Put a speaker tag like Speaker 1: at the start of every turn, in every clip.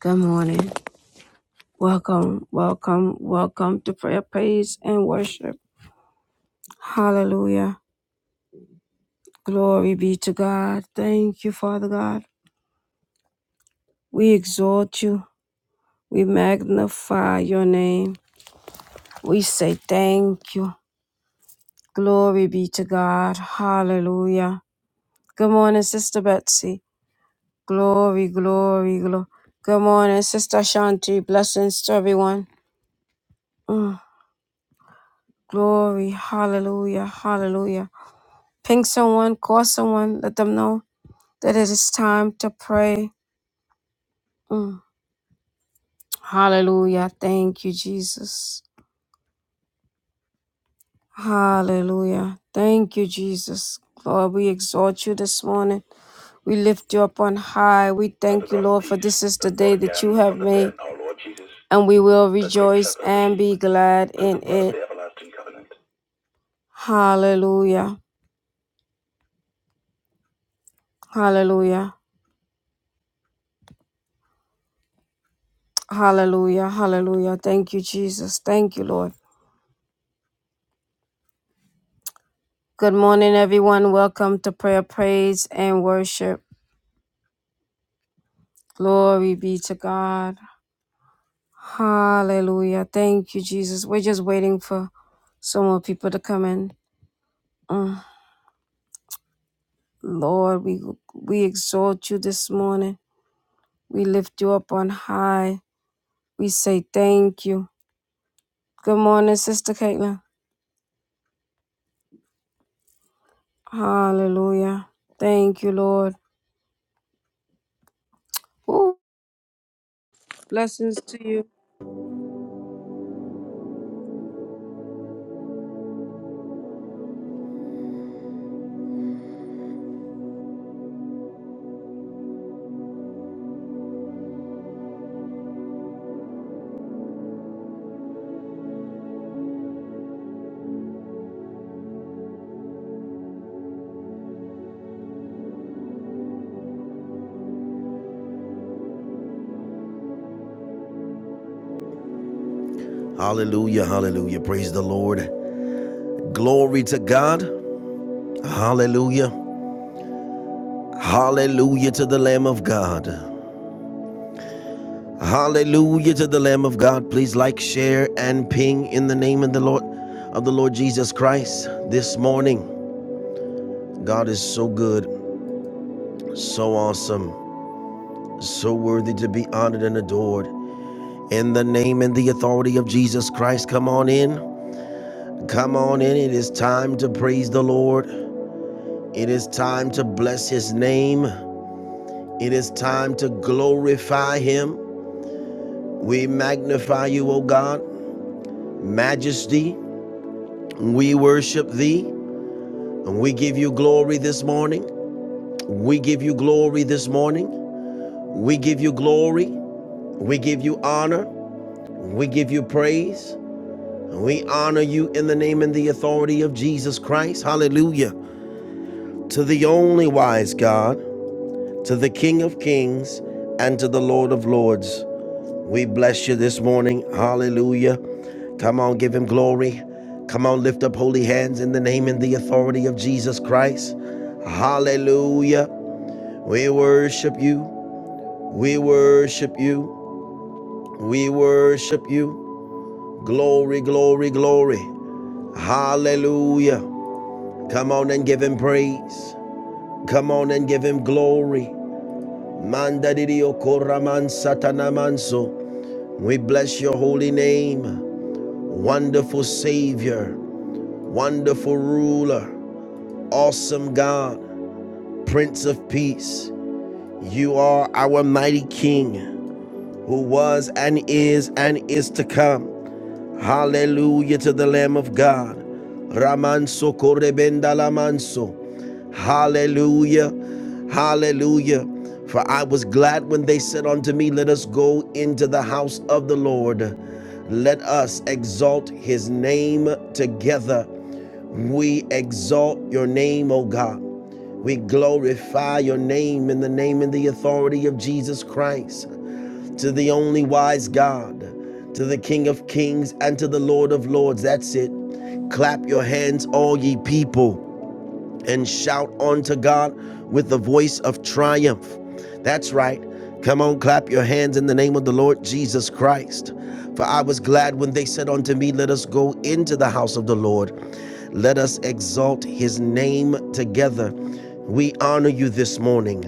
Speaker 1: Good morning. Welcome, welcome, welcome to prayer, praise, and worship. Hallelujah. Glory be to God. Thank you, Father God. We exalt you. We magnify your name. We say thank you. Glory be to God. Hallelujah. Good morning, Sister Betsy. Glory, glory, glory. Good morning, Sister Shanti. Blessings to everyone. Mm. Glory. Hallelujah. Hallelujah. Ping someone, call someone, let them know that it is time to pray. Mm. Hallelujah. Thank you, Jesus. Hallelujah. Thank you, Jesus. Lord, we exalt you this morning. We lift you up on high. We thank you, Lord, for this is the day that you have made, and we will rejoice and be glad in it. Hallelujah. Hallelujah. Hallelujah. Hallelujah. Thank you, Jesus. Thank you, Lord. Good morning, everyone. Welcome to prayer, praise, and worship. Glory be to God. Hallelujah. Thank you, Jesus. We're just waiting for some more people to come in. Mm. Lord, we we exalt you this morning. We lift you up on high. We say thank you. Good morning, Sister Caitlin. Hallelujah. Thank you, Lord. Ooh, blessings to you.
Speaker 2: Hallelujah, hallelujah. Praise the Lord. Glory to God. Hallelujah. Hallelujah to the Lamb of God. Hallelujah to the Lamb of God. Please like, share, and ping in the name of the Lord of the Lord Jesus Christ this morning. God is so good, so awesome, so worthy to be honored and adored. In the name and the authority of Jesus Christ, come on in. Come on in. It is time to praise the Lord. It is time to bless his name. It is time to glorify him. We magnify you, O God. Majesty, we worship thee. And we give you glory this morning. We give you glory this morning. We give you glory. We give you honor. We give you praise. we honor you in the name and the authority of Jesus Christ. Hallelujah. To the only wise God, to the King of kings, and to the Lord of lords. We bless you this morning. Hallelujah. Come on, give him glory. Come on, lift up holy hands in the name and the authority of Jesus Christ. Hallelujah. We worship you. We worship you. We worship you. Glory, glory, glory. Hallelujah. Come on and give him praise. Come on and give him glory. Mandadidio koraman satanamanso. We bless your holy name. Wonderful Savior. Wonderful ruler, awesome God, Prince of Peace, you are our mighty King who was and is and is to come. Hallelujah to the Lamb of God. Ramanso korebenda lamanso. Hallelujah. Hallelujah. For I was glad when they said unto me, Let us go into the house of the Lord. Let us exalt his name together. We exalt your name, O God. We glorify your name in the name and the authority of Jesus Christ, to the only wise God, to the King of kings, and to the Lord of lords. That's it. Clap your hands, all ye people and shout unto God with the voice of triumph. That's right. Come on, clap your hands in the name of the Lord Jesus Christ. For I was glad when they said unto me, Let us go into the house of the Lord. Let us exalt his name together. We honor you this morning.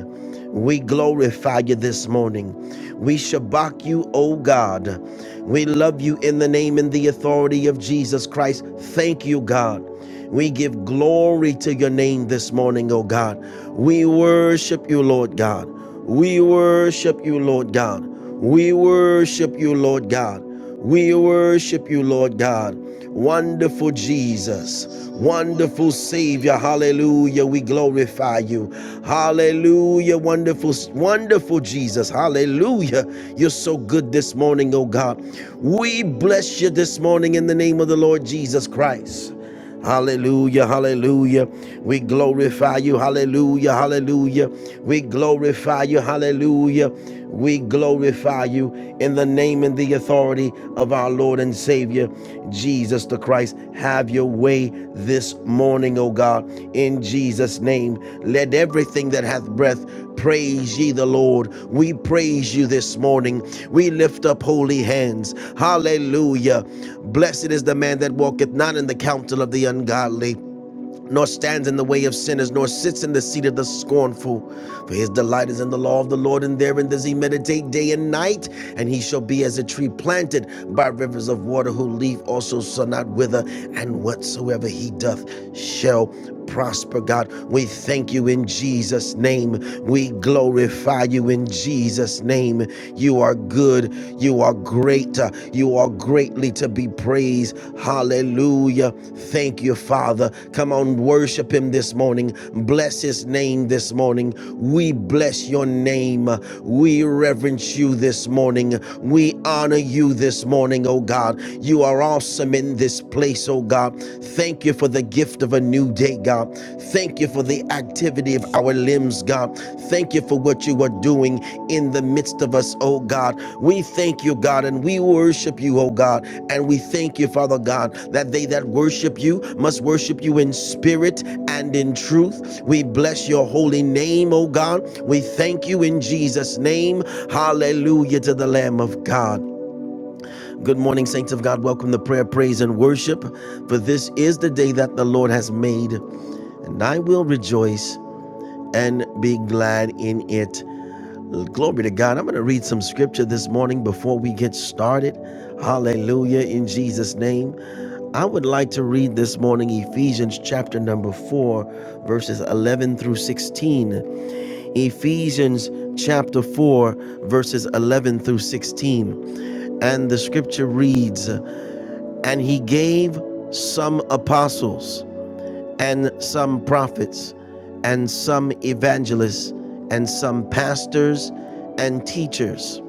Speaker 2: We glorify you this morning. We shabak you, O God. We love you in the name and the authority of Jesus Christ. Thank you, God. We give glory to your name this morning, O God. We worship you, Lord God. We worship you, Lord God. We worship you, Lord God. We worship you, Lord God. Wonderful Jesus, wonderful Savior. Hallelujah. We glorify you. Hallelujah. Wonderful, wonderful Jesus. Hallelujah. You're so good this morning, oh God. We bless you this morning in the name of the Lord Jesus Christ. Hallelujah, hallelujah. We glorify you, hallelujah, hallelujah. We glorify you, hallelujah. We glorify you in the name and the authority of our Lord and Savior, Jesus the Christ. Have your way this morning, O God, in Jesus' name. Let everything that hath breath praise ye the Lord. We praise you this morning. We lift up holy hands. Hallelujah. Blessed is the man that walketh not in the counsel of the ungodly, nor stands in the way of sinners, nor sits in the seat of the scornful. For his delight is in the law of the Lord, and therein does he meditate day and night. And he shall be as a tree planted by rivers of water, whose leaf also shall not wither, and whatsoever he doth shall prosper, God. We thank you in Jesus' name. We glorify you in Jesus' name. You are good. You are great. Uh, You are greatly to be praised. Hallelujah. Thank you, Father. Come on, worship him this morning. Bless his name this morning. We bless your name. We reverence you this morning. We honor you this morning, oh God. You are awesome in this this place, oh God. Thank you for the gift of a new day, God. Thank you for the activity of our limbs, God. Thank you for what you are doing in the midst of us, oh God. We thank you, God, and we worship you, oh God. And we thank you, Father God, that they that worship you must worship you in spirit and in truth. We bless your holy name, oh God. We thank you in Jesus' name. Hallelujah to the Lamb of God. Good morning, saints of God. Welcome to prayer, praise, and worship. For this is the day that the Lord has made, and I will rejoice and be glad in it. Glory to God. I'm going to read some scripture this morning before we get started. Hallelujah, in Jesus' name. I would like to read this morning Ephesians chapter number 4, verses 11 through 16. Ephesians chapter 4, verses 11 through 16. And the scripture reads and he gave some apostles and some prophets and some evangelists and some pastors and teachers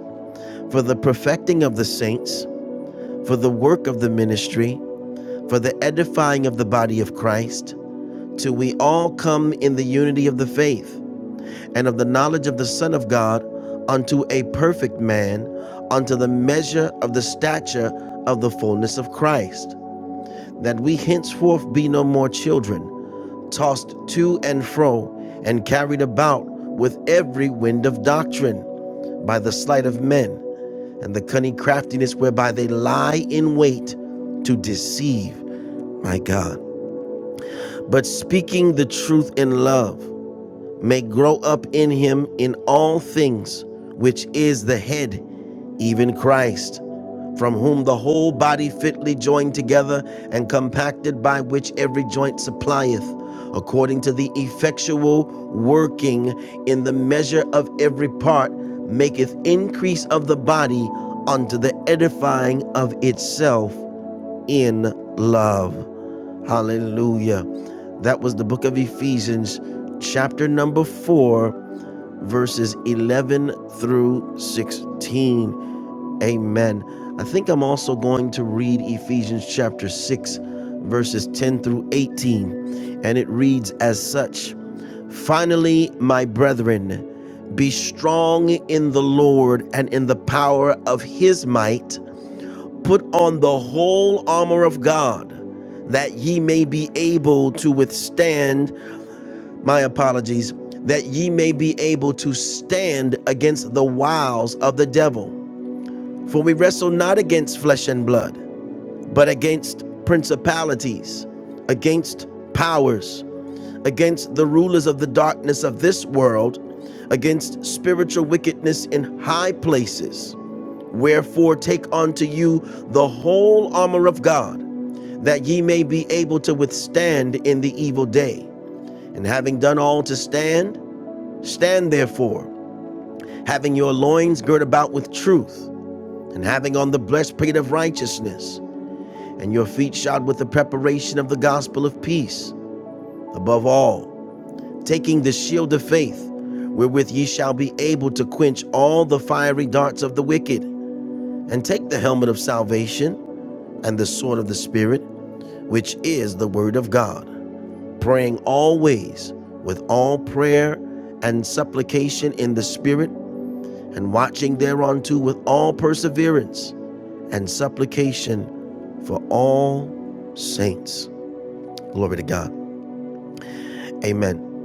Speaker 2: for the perfecting of the saints, for the work of the ministry, for the edifying of the body of Christ, till we all come in the unity of the faith and of the knowledge of the Son of God unto a perfect man, unto the measure of the stature of the fullness of Christ that we henceforth be no more children, tossed to and fro, and carried about with every wind of doctrine, by the sleight of men and the cunning craftiness whereby they lie in wait to deceive, my God. But speaking the truth in love, may grow up in him in all things, which is the head, even Christ, from whom the whole body fitly joined together and compacted by which every joint supplieth, according to the effectual working in the measure of every part, maketh increase of the body unto the edifying of itself in love. Hallelujah. That was the book of Ephesians, chapter number 4, verses 11 through 16. Amen. I think I'm also going to read Ephesians chapter 6, verses 10 through 18. And it reads as such Finally, my brethren, be strong in the Lord and in the power of his might. Put on the whole armor of God that ye may be able to withstand, my apologies, that ye may be able to stand against the wiles of the devil. For we wrestle not against flesh and blood, but against principalities, against powers, against the rulers of the darkness of this world, against spiritual wickedness in high places. Wherefore, take unto you the whole armor of God that ye may be able to withstand in the evil day. And having done all to stand, stand therefore, having your loins girt about with truth, and having on the breastplate of righteousness, and your feet shod with the preparation of the gospel of peace. Above all, taking the shield of faith, wherewith ye shall be able to quench all the fiery darts of the wicked, and take the helmet of salvation and the sword of the Spirit, which is the word of God praying always with all prayer and supplication in the Spirit, and watching thereunto with all perseverance and supplication for all saints. Glory to God. Amen.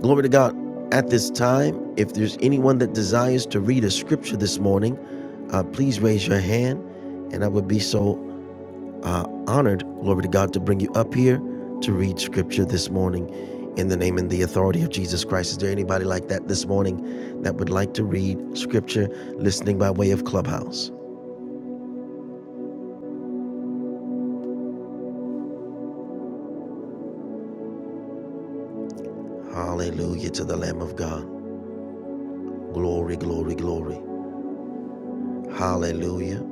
Speaker 2: Glory to God. At this time, if there's anyone that desires to read a scripture this morning, uh, please raise your hand, and I would be so uh, honored, glory to God, to bring you up here to read scripture this morning in the name and the authority of Jesus Christ. Is there anybody like that this morning that would like to read scripture listening by way of Clubhouse? Hallelujah to the Lamb of God. Glory, glory, glory. Hallelujah.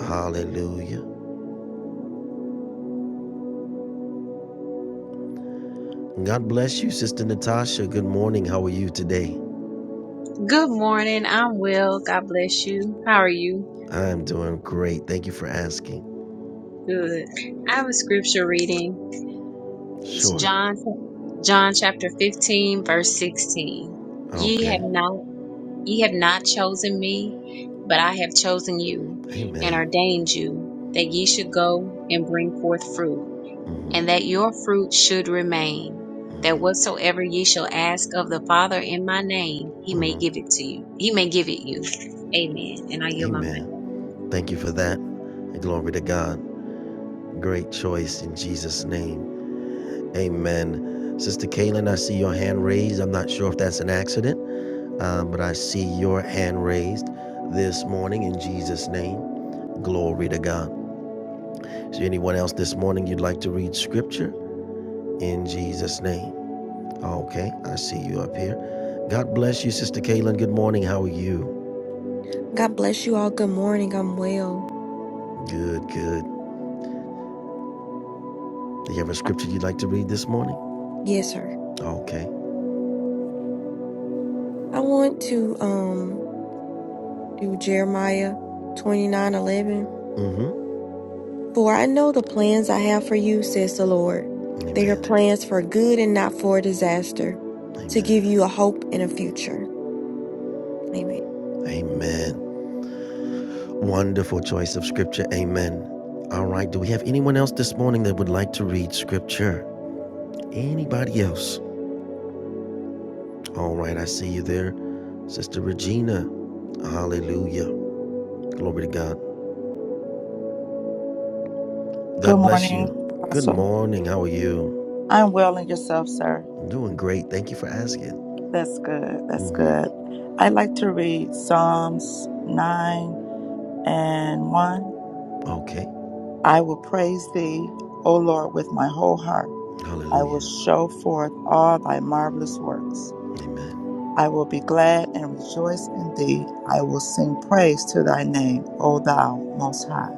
Speaker 2: Hallelujah. God bless you, Sister Natasha. Good morning. How are you today?
Speaker 3: Good morning. I'm well. God bless you. How are you?
Speaker 2: I'm doing great. Thank you for asking.
Speaker 3: Good. I have a scripture reading. It's
Speaker 2: Sure.
Speaker 3: John John chapter 15 verse 16. Ye have
Speaker 2: Okay.
Speaker 3: not ye have not chosen me, but I have chosen you and
Speaker 2: Amen.
Speaker 3: ordained you that ye should go and bring forth fruit
Speaker 2: hmm
Speaker 3: and that your fruit should remain, that
Speaker 2: hmm
Speaker 3: whatsoever ye shall ask of the Father in my name, he may
Speaker 2: hmm
Speaker 3: give it to you. He may give it you. Amen. And I yield my
Speaker 2: Amen.
Speaker 3: mic.
Speaker 2: Thank you for that. And glory to God. Great choice in Jesus' name. Amen. Sister Kaylin, I see your hand raised. I'm not sure if that's an accident, um, but I see your hand raised this morning in Jesus' name. Glory to God. Is there anyone else this morning you'd like to read scripture in Jesus' name? Okay, I see you up here. God bless you, Sister Kaylin. Good morning. How are you?
Speaker 4: God bless you all. Good morning. I'm well.
Speaker 2: Good, good. Do you have a scripture you'd like to read this morning?
Speaker 4: Yes, sir.
Speaker 2: Okay.
Speaker 4: I want to um do Jeremiah twenty nine eleven.
Speaker 2: Mm-hmm.
Speaker 4: For I know the plans I have for you, says the Lord. They are
Speaker 2: Amen.
Speaker 4: plans for good and not for disaster, to
Speaker 2: Amen.
Speaker 4: give you a hope and a future. Amen.
Speaker 2: Amen. Wonderful choice of scripture. Amen. All right. Do we have anyone else this morning that would like to read scripture? Anybody else? All right. I see you there, Sister Regina. Hallelujah. Glory to God. God
Speaker 5: Good
Speaker 2: bless you.
Speaker 5: morning,
Speaker 2: Good
Speaker 5: Apostle.
Speaker 2: morning. How are you?
Speaker 5: I'm well and yourself, sir.
Speaker 2: I'm doing great. Thank you for asking.
Speaker 5: That's good. That's
Speaker 2: hmm
Speaker 5: good. I'd like to read Psalms 9 and 1.
Speaker 2: Okay.
Speaker 5: I will praise thee, O Lord, with my whole heart. I will
Speaker 2: Hallelujah.
Speaker 5: show forth all thy marvelous works.
Speaker 2: Amen.
Speaker 5: I will be glad and rejoice in thee. I will sing praise to thy name, O thou most high.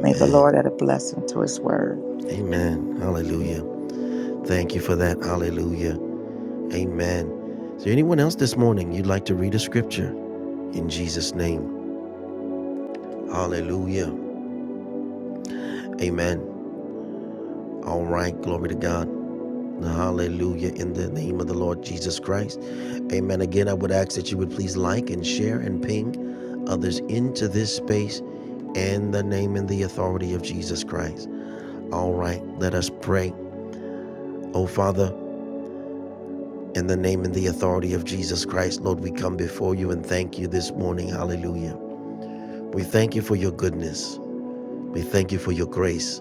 Speaker 5: May the Lord add a blessing to his word.
Speaker 2: Amen. Hallelujah. Thank you for that. Hallelujah. Amen. Is there anyone else this morning you'd like to read a scripture? In Jesus' name. Hallelujah. Amen. All right. Glory to God. Hallelujah. In the name of the Lord Jesus Christ. Amen. Again, I would ask that you would please like and share and ping others into this space in the name and the authority of Jesus Christ. All right, let us pray. Oh, Father, in the name and the authority of Jesus Christ, Lord, we come before you and thank you this morning. Hallelujah. We thank you for your goodness. We thank you for your grace.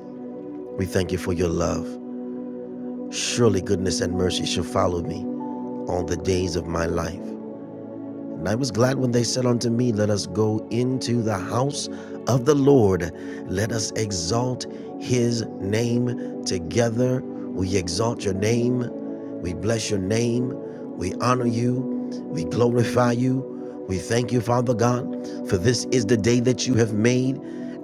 Speaker 2: We thank you for your love. Surely goodness and mercy shall follow me all the days of my life. And I was glad when they said unto me, Let us go into the house of the Lord. Let us exalt his name together. We exalt your name. We bless your name. We honor you. We glorify you. We thank you, Father God, for this is the day that you have made,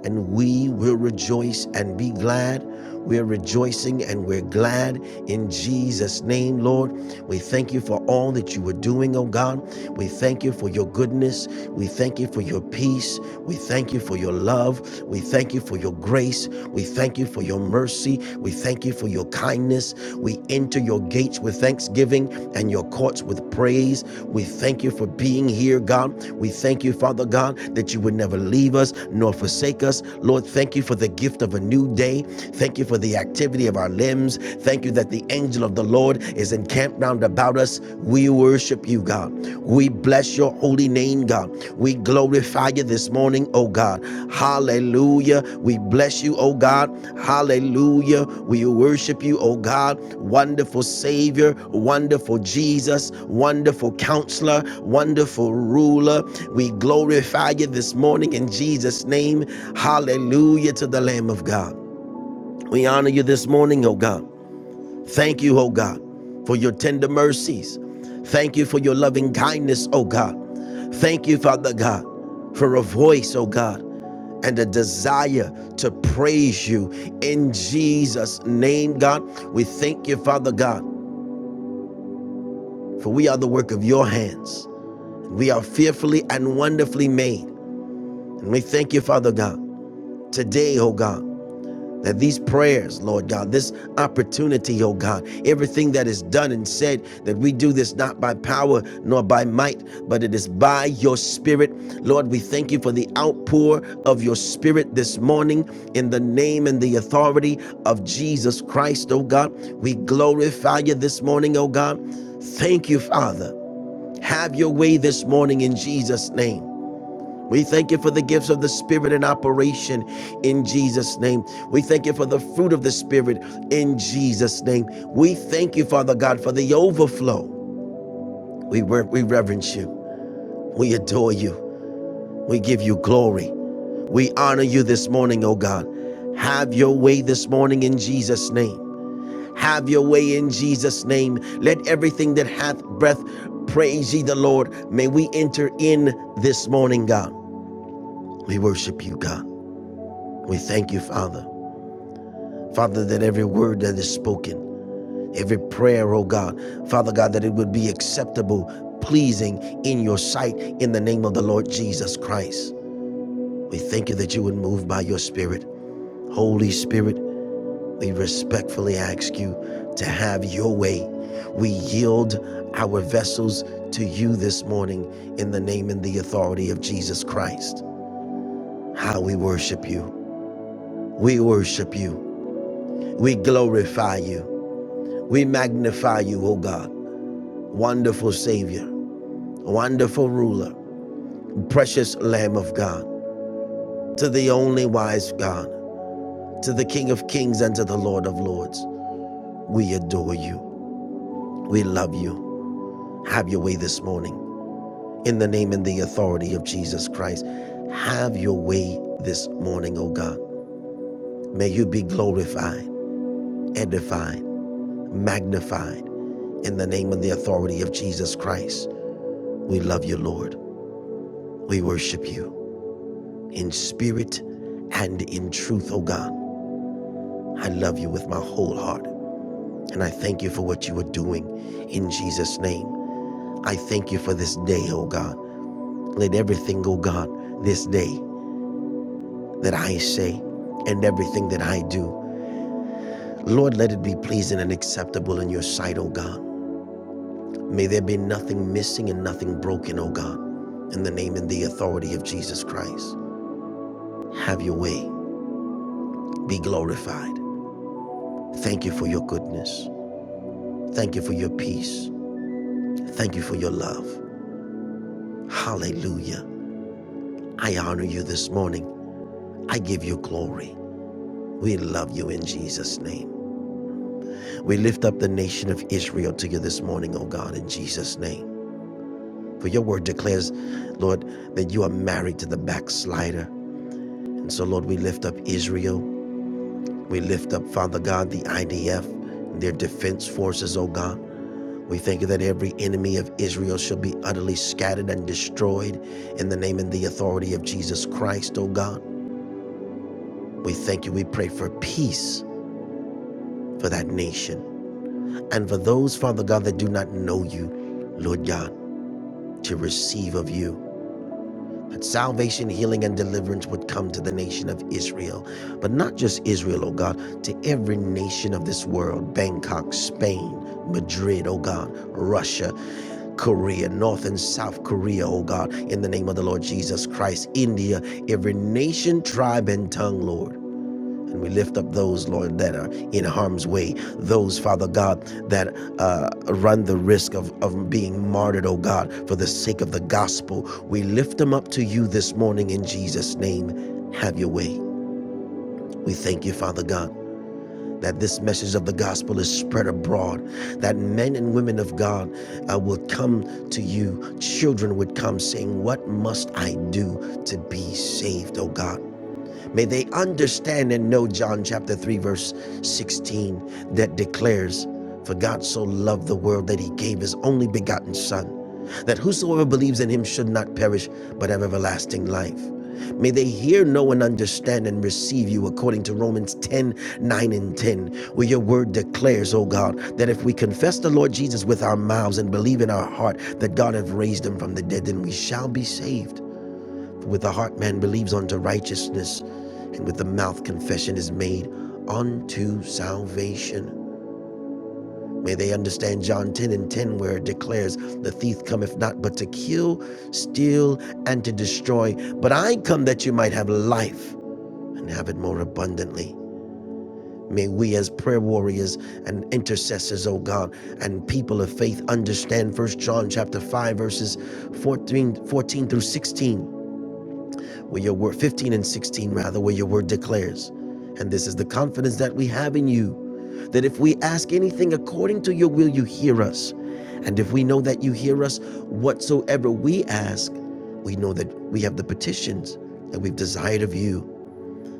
Speaker 2: and we will rejoice and be glad. We're rejoicing and we're glad in Jesus' name, Lord. We thank you for all that you are doing, oh God. We thank you for your goodness. We thank you for your peace. We thank you for your love. We thank you for your grace. We thank you for your mercy. We thank you for your kindness. We enter your gates with thanksgiving and your courts with praise. We thank you for being here, God. We thank you, Father God, that you would never leave us nor forsake us. Lord, thank you for the gift of a new day. Thank you for the activity of our limbs. Thank you that the angel of the Lord is encamped round about us. We will Worship you, God. We bless your holy name, God. We glorify you this morning, oh God. Hallelujah. We bless you, oh God. Hallelujah. We worship you, oh God. Wonderful Savior, wonderful Jesus, wonderful counselor, wonderful ruler. We glorify you this morning in Jesus' name. Hallelujah to the Lamb of God. We honor you this morning, oh God. Thank you, oh God, for your tender mercies. Thank you for your loving kindness, oh God. Thank you, Father God, for a voice, oh God, and a desire to praise you in Jesus' name, God. We thank you, Father God, for we are the work of your hands. We are fearfully and wonderfully made. And we thank you, Father God, today, oh God. That these prayers, Lord God, this opportunity, oh God, everything that is done and said, that we do this not by power nor by might, but it is by your spirit. Lord, we thank you for the outpour of your spirit this morning in the name and the authority of Jesus Christ, oh God. We glorify you this morning, oh God. Thank you, Father. Have your way this morning in Jesus' name. We thank you for the gifts of the Spirit in operation in Jesus' name. We thank you for the fruit of the Spirit in Jesus' name. We thank you, Father God, for the overflow. We, re- we reverence you. We adore you. We give you glory. We honor you this morning, oh God. Have your way this morning in Jesus' name. Have your way in Jesus' name. Let everything that hath breath praise ye the Lord. May we enter in this morning, God. We worship you, God. We thank you, Father. Father, that every word that is spoken, every prayer, oh God, Father God, that it would be acceptable, pleasing in your sight in the name of the Lord Jesus Christ. We thank you that you would move by your Spirit. Holy Spirit, we respectfully ask you to have your way. We yield our vessels to you this morning in the name and the authority of Jesus Christ. How we worship you. We worship you. We glorify you. We magnify you, O God. wonderful Savior, wonderful ruler, precious Lamb of God, to the only wise God, to the King of kings and to the Lord of lords. We adore you. We love you. Have your way this morning. In the name and the authority of Jesus Christ, have your way this morning, O God. May you be glorified, edified, magnified. In the name and the authority of Jesus Christ, we love you, Lord. We worship you. in spirit and in truth, oh God. I love you with my whole heart. And I thank you for what you are doing in Jesus' name. I thank you for this day, oh God. Let everything, oh God, this day that I say and everything that I do, Lord, let it be pleasing and acceptable in your sight, oh God. May there be nothing missing and nothing broken, oh God. In the name and the authority of Jesus Christ, have your way. Be glorified. Thank you for your goodness. Thank you for your peace. Thank you for your love. Hallelujah. I honor you this morning. I give you glory. We love you in Jesus' name. We lift up the nation of Israel to you this morning, O God, in Jesus' name. For your word declares, Lord, that you are married to the backslider. And so, Lord, we lift up Israel. We lift up, Father God, the IDF, their defense forces, O God. We thank you that every enemy of Israel shall be utterly scattered and destroyed in the name and the authority of Jesus Christ, O God. We thank you. We pray for peace for that nation and for those, Father God, that do not know you, Lord God, to receive of you. That salvation, healing, and deliverance would come to the nation of Israel. But not just Israel, oh God, to every nation of this world Bangkok, Spain, Madrid, oh God, Russia, Korea, North and South Korea, oh God, in the name of the Lord Jesus Christ, India, every nation, tribe, and tongue, Lord. And we lift up those, Lord, that are in harm's way. Those, Father God, that uh, run the risk of, of being martyred, oh God, for the sake of the gospel. We lift them up to you this morning in Jesus' name. Have your way. We thank you, Father God. That this message of the gospel is spread abroad, that men and women of God uh, will come to you, children would come saying, What must I do to be saved, oh God? May they understand and know John chapter 3, verse 16, that declares, For God so loved the world that he gave his only begotten Son, that whosoever believes in him should not perish, but have everlasting life. May they hear, know, and understand and receive you according to Romans 10 9 and 10, where your word declares, O God, that if we confess the Lord Jesus with our mouths and believe in our heart that God hath raised him from the dead, then we shall be saved. With the heart, man believes unto righteousness, and with the mouth, confession is made unto salvation. May they understand John 10 and 10, where it declares, The thief cometh not but to kill, steal, and to destroy. But I come that you might have life and have it more abundantly. May we, as prayer warriors and intercessors, O God, and people of faith, understand 1 John chapter 5, verses 14, 14 through 16. where your word 15 and 16 rather where your word declares and this is the confidence that we have in you that if we ask anything according to your will you hear us and if we know that you hear us whatsoever we ask we know that we have the petitions that we've desired of you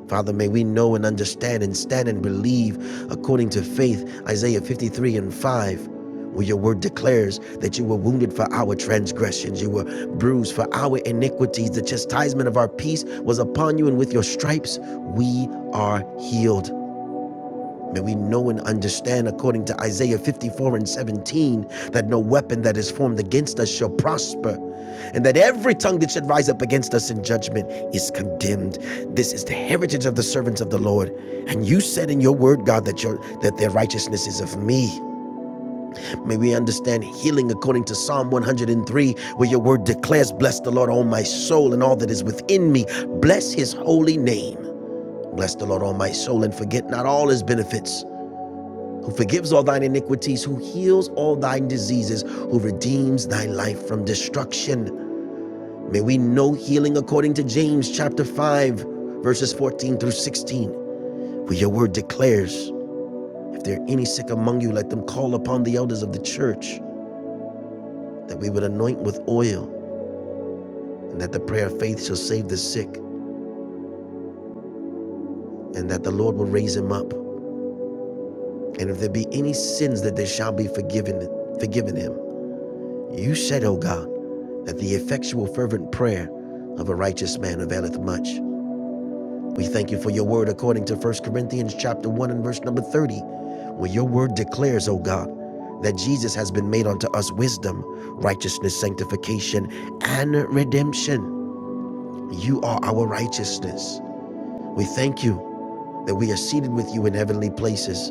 Speaker 2: Father, may we know and understand and stand and believe according to faith, Isaiah 53 and 5. Where your word declares that you were wounded for our transgressions, you were bruised for our iniquities. The chastisement of our peace was upon you, and with your stripes we are healed. May we know and understand, according to Isaiah 54 and 17, that no weapon that is formed against us shall prosper, and that every tongue that should rise up against us in judgment is condemned. This is the heritage of the servants of the Lord. And you said in your word, God, that, your, that their righteousness is of me. May we understand healing according to Psalm 103, where your word declares, Bless the Lord, all my soul, and all that is within me. Bless his holy name. Bless the Lord, all my soul, and forget not all his benefits who forgives all thine iniquities, who heals all thine diseases, who redeems thy life from destruction. May we know healing according to James chapter 5, verses 14 through 16, where your word declares, If there are any sick among you, let them call upon the elders of the church, that we would anoint with oil, and that the prayer of faith shall save the sick, and that the Lord will raise him up. And if there be any sins that they shall be forgiven, forgiven him. You said, O God, that the effectual fervent prayer of a righteous man availeth much. We thank you for your word according to First Corinthians chapter 1 and verse number 30, where your word declares, O God, that Jesus has been made unto us wisdom, righteousness, sanctification, and redemption. You are our righteousness. We thank you that we are seated with you in heavenly places,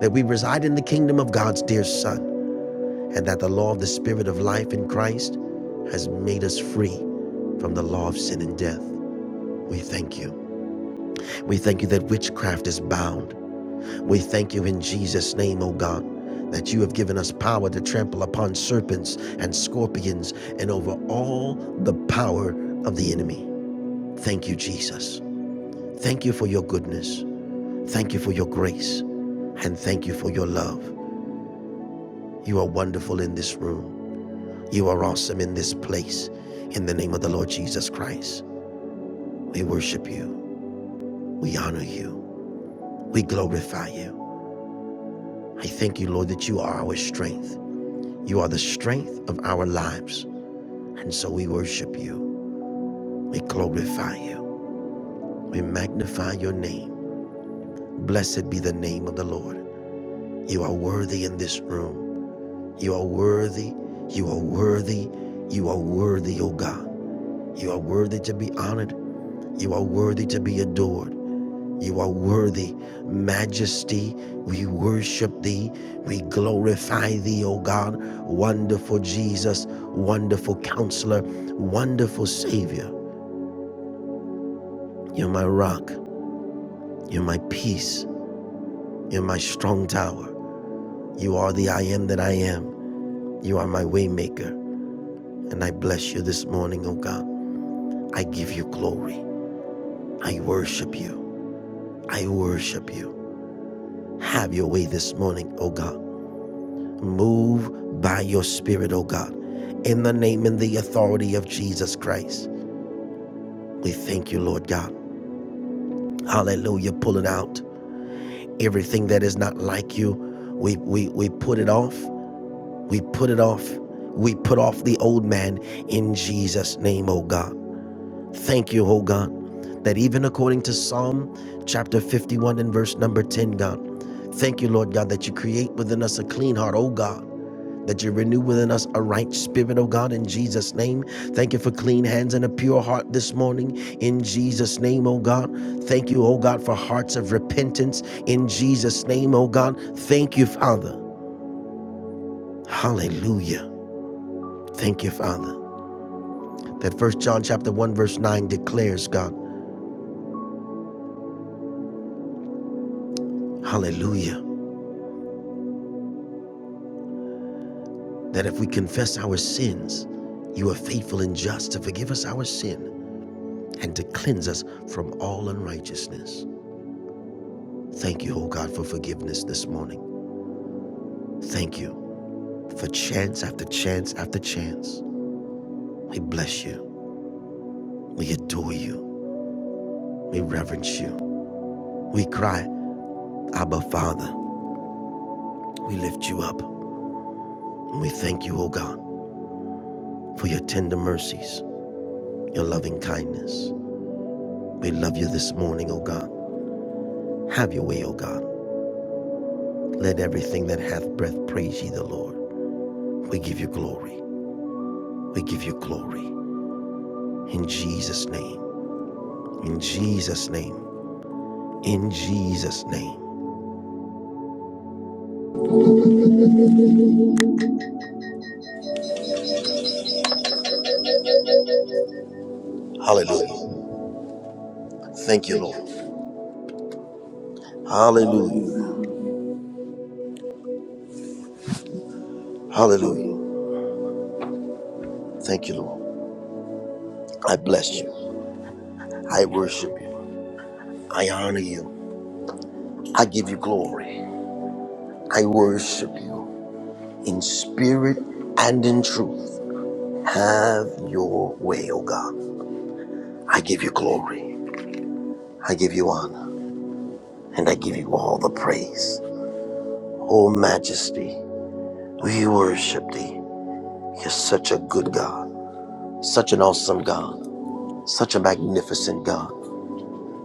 Speaker 2: that we reside in the kingdom of God's dear Son. and that the law of the Spirit of life in Christ has made us free from the law of sin and death. We thank you. We thank you that witchcraft is bound. We thank you in Jesus' name, O God, that you have given us power to trample upon serpents and scorpions and over all the power of the enemy. Thank you, Jesus. Thank you for your goodness. Thank you for your grace. And thank you for your love. You are wonderful in this room. You are awesome in this place. In the name of the Lord Jesus Christ, we worship you. We honor you. We glorify you. I thank you, Lord, that you are our strength. You are the strength of our lives. And so we worship you. We glorify you. We magnify your name. Blessed be the name of the Lord. You are worthy in this room. You are worthy. You are worthy. You are worthy, O God. You are worthy to be honored. You are worthy to be adored. You are worthy, majesty. We worship thee. We glorify thee, O God. Wonderful Jesus, wonderful counselor, wonderful Savior. You're my rock. You're my peace. You're my strong tower. You are the I am that I am. You are my waymaker. And I bless you this morning, O God. I give you glory. I worship you. I worship you. Have your way this morning, O God. Move by your spirit, oh God, in the name and the authority of Jesus Christ. We thank you, Lord God. Hallelujah. Pulling out everything that is not like you. We, we, we put it off. We put it off. We put off the old man in Jesus' name, oh God. Thank you, oh God, that even according to Psalm chapter 51 and verse number 10, God, thank you, Lord God, that you create within us a clean heart, oh God that you renew within us a right spirit, oh God, in Jesus' name. Thank you for clean hands and a pure heart this morning, in Jesus' name, oh God. Thank you, oh God, for hearts of repentance, in Jesus' name, oh God. Thank you, Father. Hallelujah. Thank you, Father. That First John chapter 1, verse 9 declares, God, hallelujah, that if we confess our sins, you are faithful and just to forgive us our sin and to cleanse us from all unrighteousness. Thank you, oh God, for forgiveness this morning. Thank you for chance after chance after chance. We bless you. We adore you. We reverence you. We cry, Abba, Father. We lift you up. we thank you, O God, for your tender mercies, your loving kindness. We love you this morning, O God. Have your way, O God. Let everything that hath breath praise ye the Lord. We give you glory. We give you glory. In Jesus' name. In Jesus' name. In Jesus' name.
Speaker 6: Hallelujah. Thank you, Lord. Hallelujah. Hallelujah. Thank you, Lord. I bless you. I worship you. I honor you. I give you glory. I worship you in spirit and in truth. Have your way, O God. I give you glory. I give you honor. And I give you all the praise. O majesty, we worship thee. You're such a good God, such an awesome God, such a magnificent God.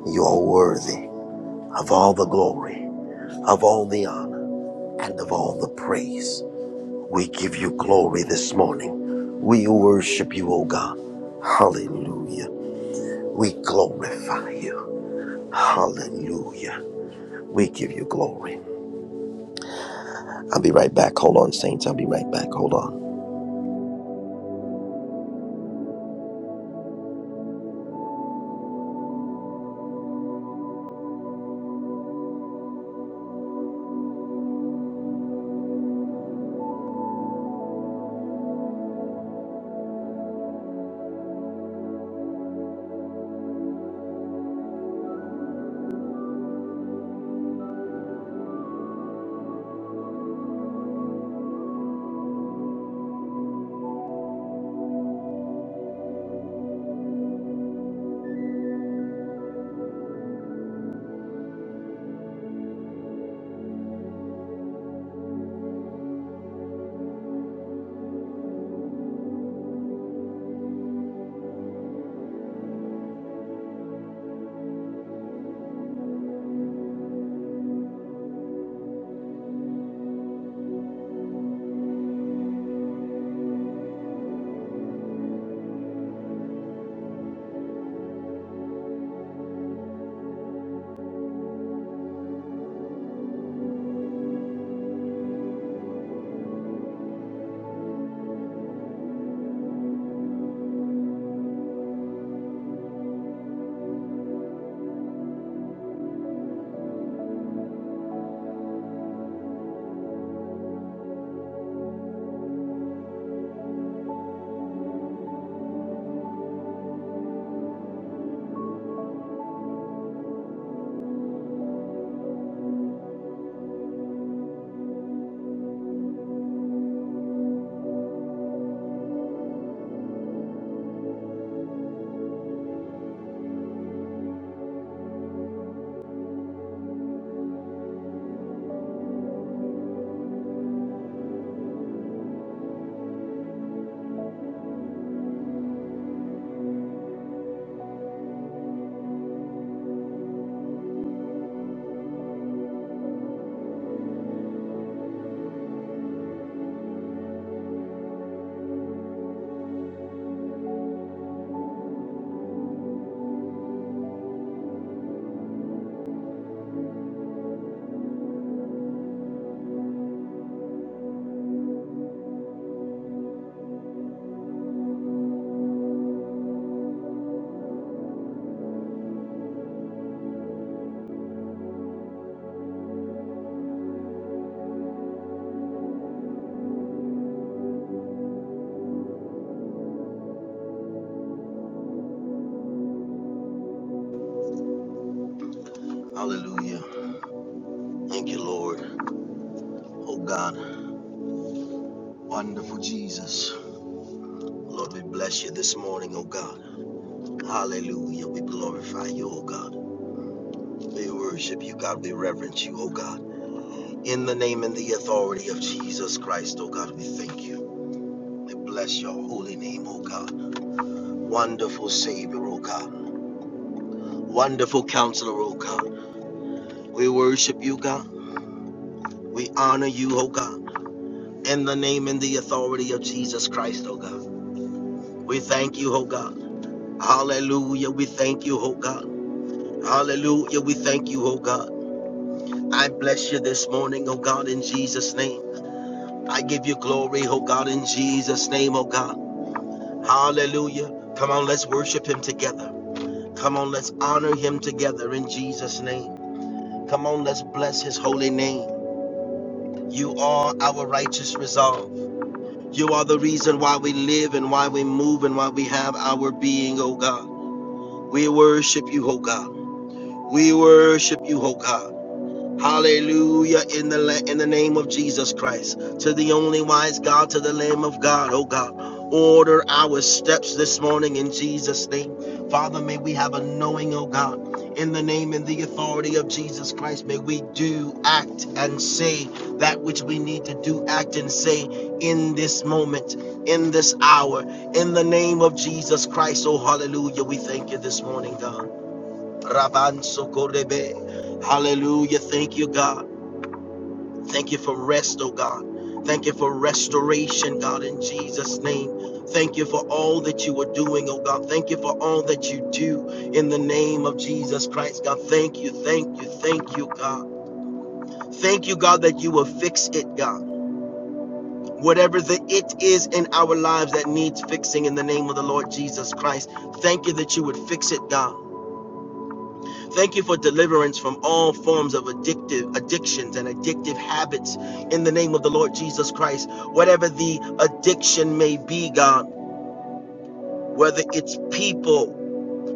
Speaker 6: You are worthy. of all the glory, of all the honor, and of all the praise. We give you glory this morning. We worship you, O God. Hallelujah. We glorify you. Hallelujah. We give you glory. I'll be right back. Hold on, saints. I'll be right back. Hold on. Hallelujah. Thank you, Lord. Oh God, wonderful Jesus. Lord, we bless you this morning, oh God. Hallelujah. We glorify you, oh God. We worship you, God. We reverence you, oh God. In the name and the authority of Jesus Christ, oh God, we thank you. We bless your holy name, oh God. Wonderful Savior, oh God. Wonderful Counselor, oh God. We worship you, God. We honor you, oh God. In the name and the authority of Jesus Christ, oh God. We thank you, oh God. Hallelujah. We thank you, oh God. Hallelujah. We thank you, oh God. I bless you this morning, oh God, in Jesus' name. I give you glory, oh God, in Jesus' name, oh God. Hallelujah. Come on, let's worship him together. Come on, let's honor him together in Jesus' name. Come on, let's bless his holy name. You are our righteous resolve. You are the reason why we live and why we move and why we have our being, oh God. We worship you, oh God. We worship you, oh God. Hallelujah in the la- in the name of Jesus Christ. To the only wise God, to the Lamb of God, oh God. Order our steps this morning in Jesus' name. Father, may we have a knowing, oh God, in the name and the authority of Jesus Christ. May we do, act, and say that which we need to do, act, and say in this moment, in this hour, in the name of Jesus Christ. Oh, hallelujah. We thank you this morning, God. Rabanso Korebe. Hallelujah. Thank you, God. Thank you for rest, oh God. Thank you for restoration, God, in Jesus' name. Thank you for all that you are doing, oh God. Thank you for all that you do in the name of Jesus Christ, God. Thank you, thank you, thank you, God. Thank you, God, that you will fix it, God. Whatever the it is in our lives that needs fixing in the name of the Lord Jesus Christ, thank you that you would fix it, God. Thank you for deliverance from all forms of addictive addictions and addictive habits in the name of the Lord Jesus Christ. Whatever the addiction may be, God, whether it's people,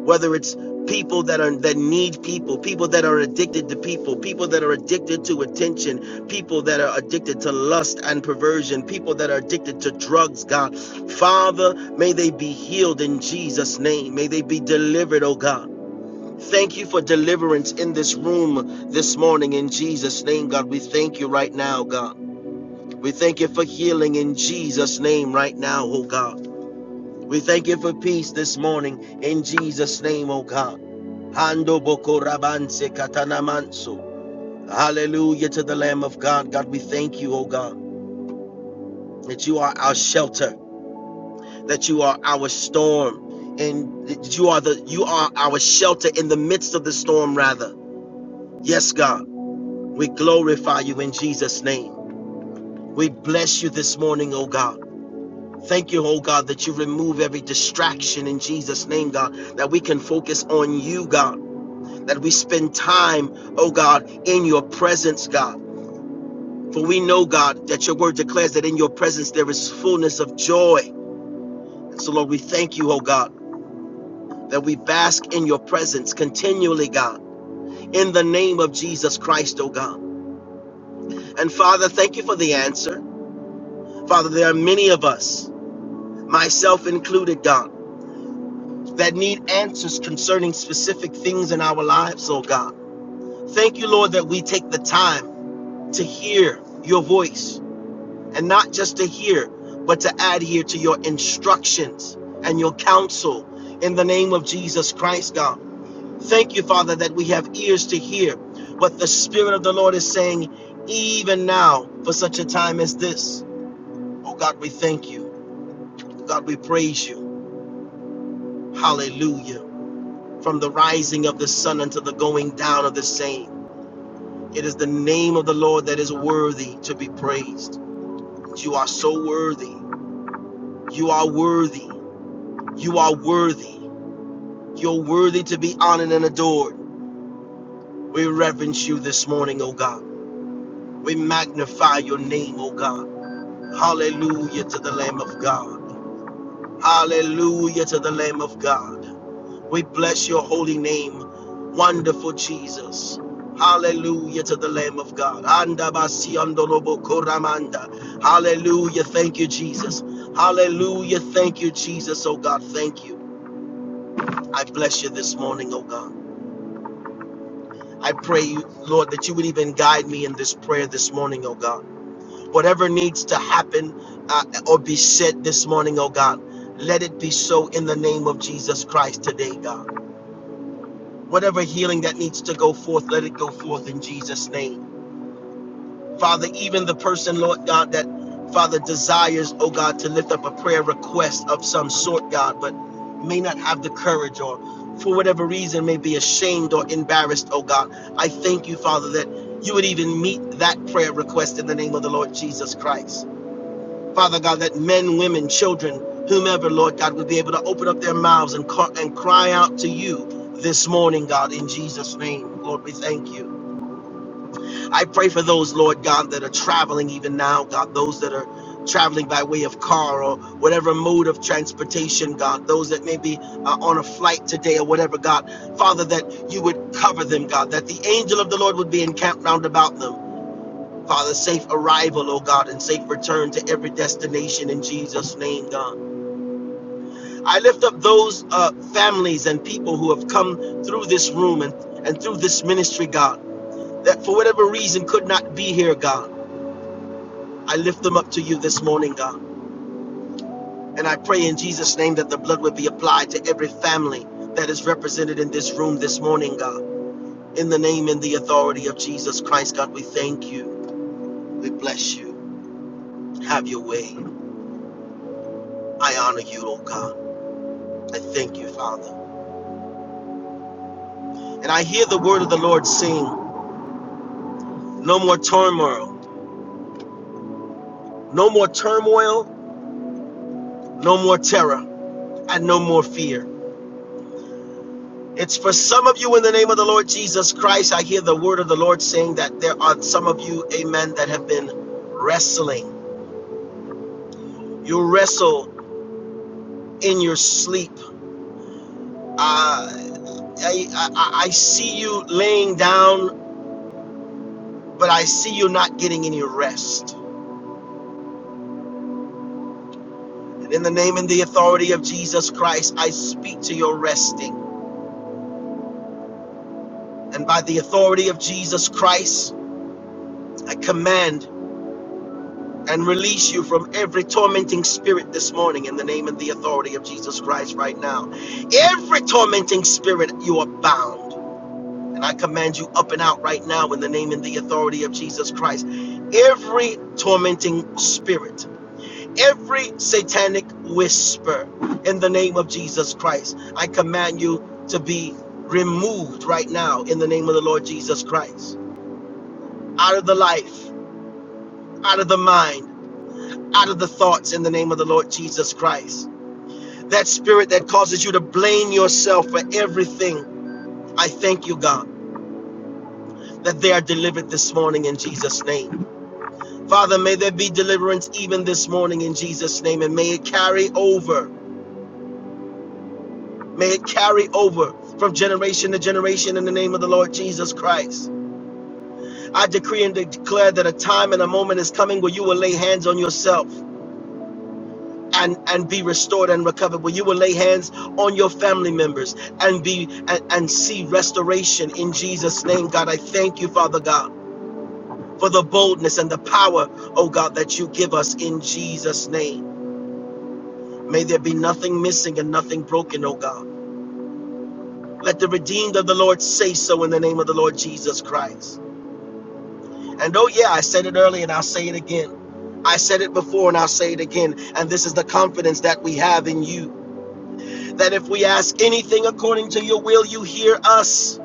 Speaker 6: whether it's people that are that need people, people that are addicted to people, people that are addicted to attention, people that are addicted to lust and perversion, people that are addicted to drugs, God. Father, may they be healed in Jesus name. May they be delivered, oh God. Thank you for deliverance in this room this morning in Jesus' name, God. We thank you right now, God. We thank you for healing in Jesus' name right now, oh God. We thank you for peace this morning in Jesus' name, oh God. Hando boko rabanse katanamanso. Hallelujah to the Lamb of God. God, we thank you, oh God, that you are our shelter, that you are our storm, and that you are the you are our shelter in the midst of the storm, rather. Yes, God. We glorify you in Jesus' name. We bless you this morning, oh God. Thank you, oh God, that you remove every distraction in Jesus' name, God, that we can focus on you, God, that we spend time, oh God, in your presence, God. For we know, God, that your word declares that in your presence there is fullness of joy. And so, Lord, we thank you, oh God, that we bask in your presence continually, God, in the name of Jesus Christ, oh God. And Father, thank you for the answer. Father, there are many of us. myself included, God, that need answers concerning specific things in our lives, oh God. Thank you, Lord, that we take the time to hear your voice and not just to hear, but to adhere to your instructions and your counsel in the name of Jesus Christ, God. Thank you, Father, that we have ears to hear what the Spirit of the Lord is saying even now for such a time as this. Oh God, we thank you. Oh God, we praise you. Hallelujah. from the rising of the sun unto the going down of the same. It is the name of the Lord that is worthy to be praised. You are so worthy. You are worthy. You are worthy. You're worthy to be honored and adored. We reverence you this morning, O God. We magnify your name, O God. Hallelujah to the Lamb of God. Hallelujah to the Lamb of God. We bless your holy name, wonderful Jesus. Hallelujah to the Lamb of God. Anda basi andorobo koramanda. Hallelujah. Thank you, Jesus. Hallelujah. Thank you, Jesus. Oh God, thank you. I bless you this morning, oh God. I pray you, Lord, that you would even guide me in this prayer this morning, oh God. Whatever needs to happen uh, or be said this morning, oh God, let it be so in the name of Jesus Christ today, God. Whatever healing that needs to go forth, let it go forth in Jesus' name. Father, even the person, Lord God, that Father desires, oh God, to lift up a prayer request of some sort, God, but may not have the courage or for whatever reason may be ashamed or embarrassed, oh God. I thank you, Father, that you would even meet that prayer request in the name of the Lord Jesus Christ. Father God, that men, women, children, whomever, Lord God, would be able to open up their mouths and, ca- and cry out to you this morning, God, in Jesus' name. Lord, we thank you. I pray for those, Lord God, that are traveling even now, God, those that are traveling by way of car or whatever mode of transportation, God, those that may be uh, on a flight today or whatever, God, Father, that you would cover them, God, that the angel of the Lord would be encamped round about them. Father, safe arrival, oh God, and safe return to every destination in Jesus' name, God. I lift up those uh, families and people who have come through this room and, and through this ministry, God, that for whatever reason could not be here, God. I lift them up to you this morning, God. And I pray in Jesus' name that the blood would be applied to every family that is represented in this room this morning, God. In the name and the authority of Jesus Christ, God, we thank you. We bless you. Have your way. I honor you, oh God. I thank you, Father. And I hear the word of the Lord saying, No more turmoil, no more turmoil, no more terror, and no more fear. It's for some of you in the name of the Lord Jesus Christ. I hear the word of the Lord saying that there are some of you, amen, that have been wrestling. You wrestle in your sleep. Uh, I, I, I see you laying down, but I see you not getting any rest. And in the name and the authority of Jesus Christ, I speak to your resting. And by the authority of Jesus Christ, I command and release you from every tormenting spirit this morning in the name and the authority of Jesus Christ right now. Every tormenting spirit, you are bound. And I command you up and out right now in the name and the authority of Jesus Christ. Every tormenting spirit, every satanic whisper in the name of Jesus Christ, I command you to be removed right now in the name of the Lord Jesus Christ. Out of the life, out of the mind, out in the name of the Lord Jesus Christ. That spirit that causes you to blame yourself for everything, I thank you, God, that they are delivered this morning in Jesus' name. Father, may there be deliverance even this morning in Jesus' name, and may it carry over. May it carry over from generation to generation in the name of the Lord Jesus Christ. I decree and declare that a time and a moment is coming where you will lay hands on yourself and and be restored and recovered where you will lay hands on your family members and be and, and see restoration in jesus name god i thank you father god for the boldness and the power oh god that you give us in jesus name may there be nothing missing and nothing broken oh god let the redeemed of the lord say so in the name of the lord jesus christ and oh yeah i said it earlier and i'll say it again I said it before and I'll say it again. And this is the confidence that we have in you that if we ask anything according to your will, you hear us.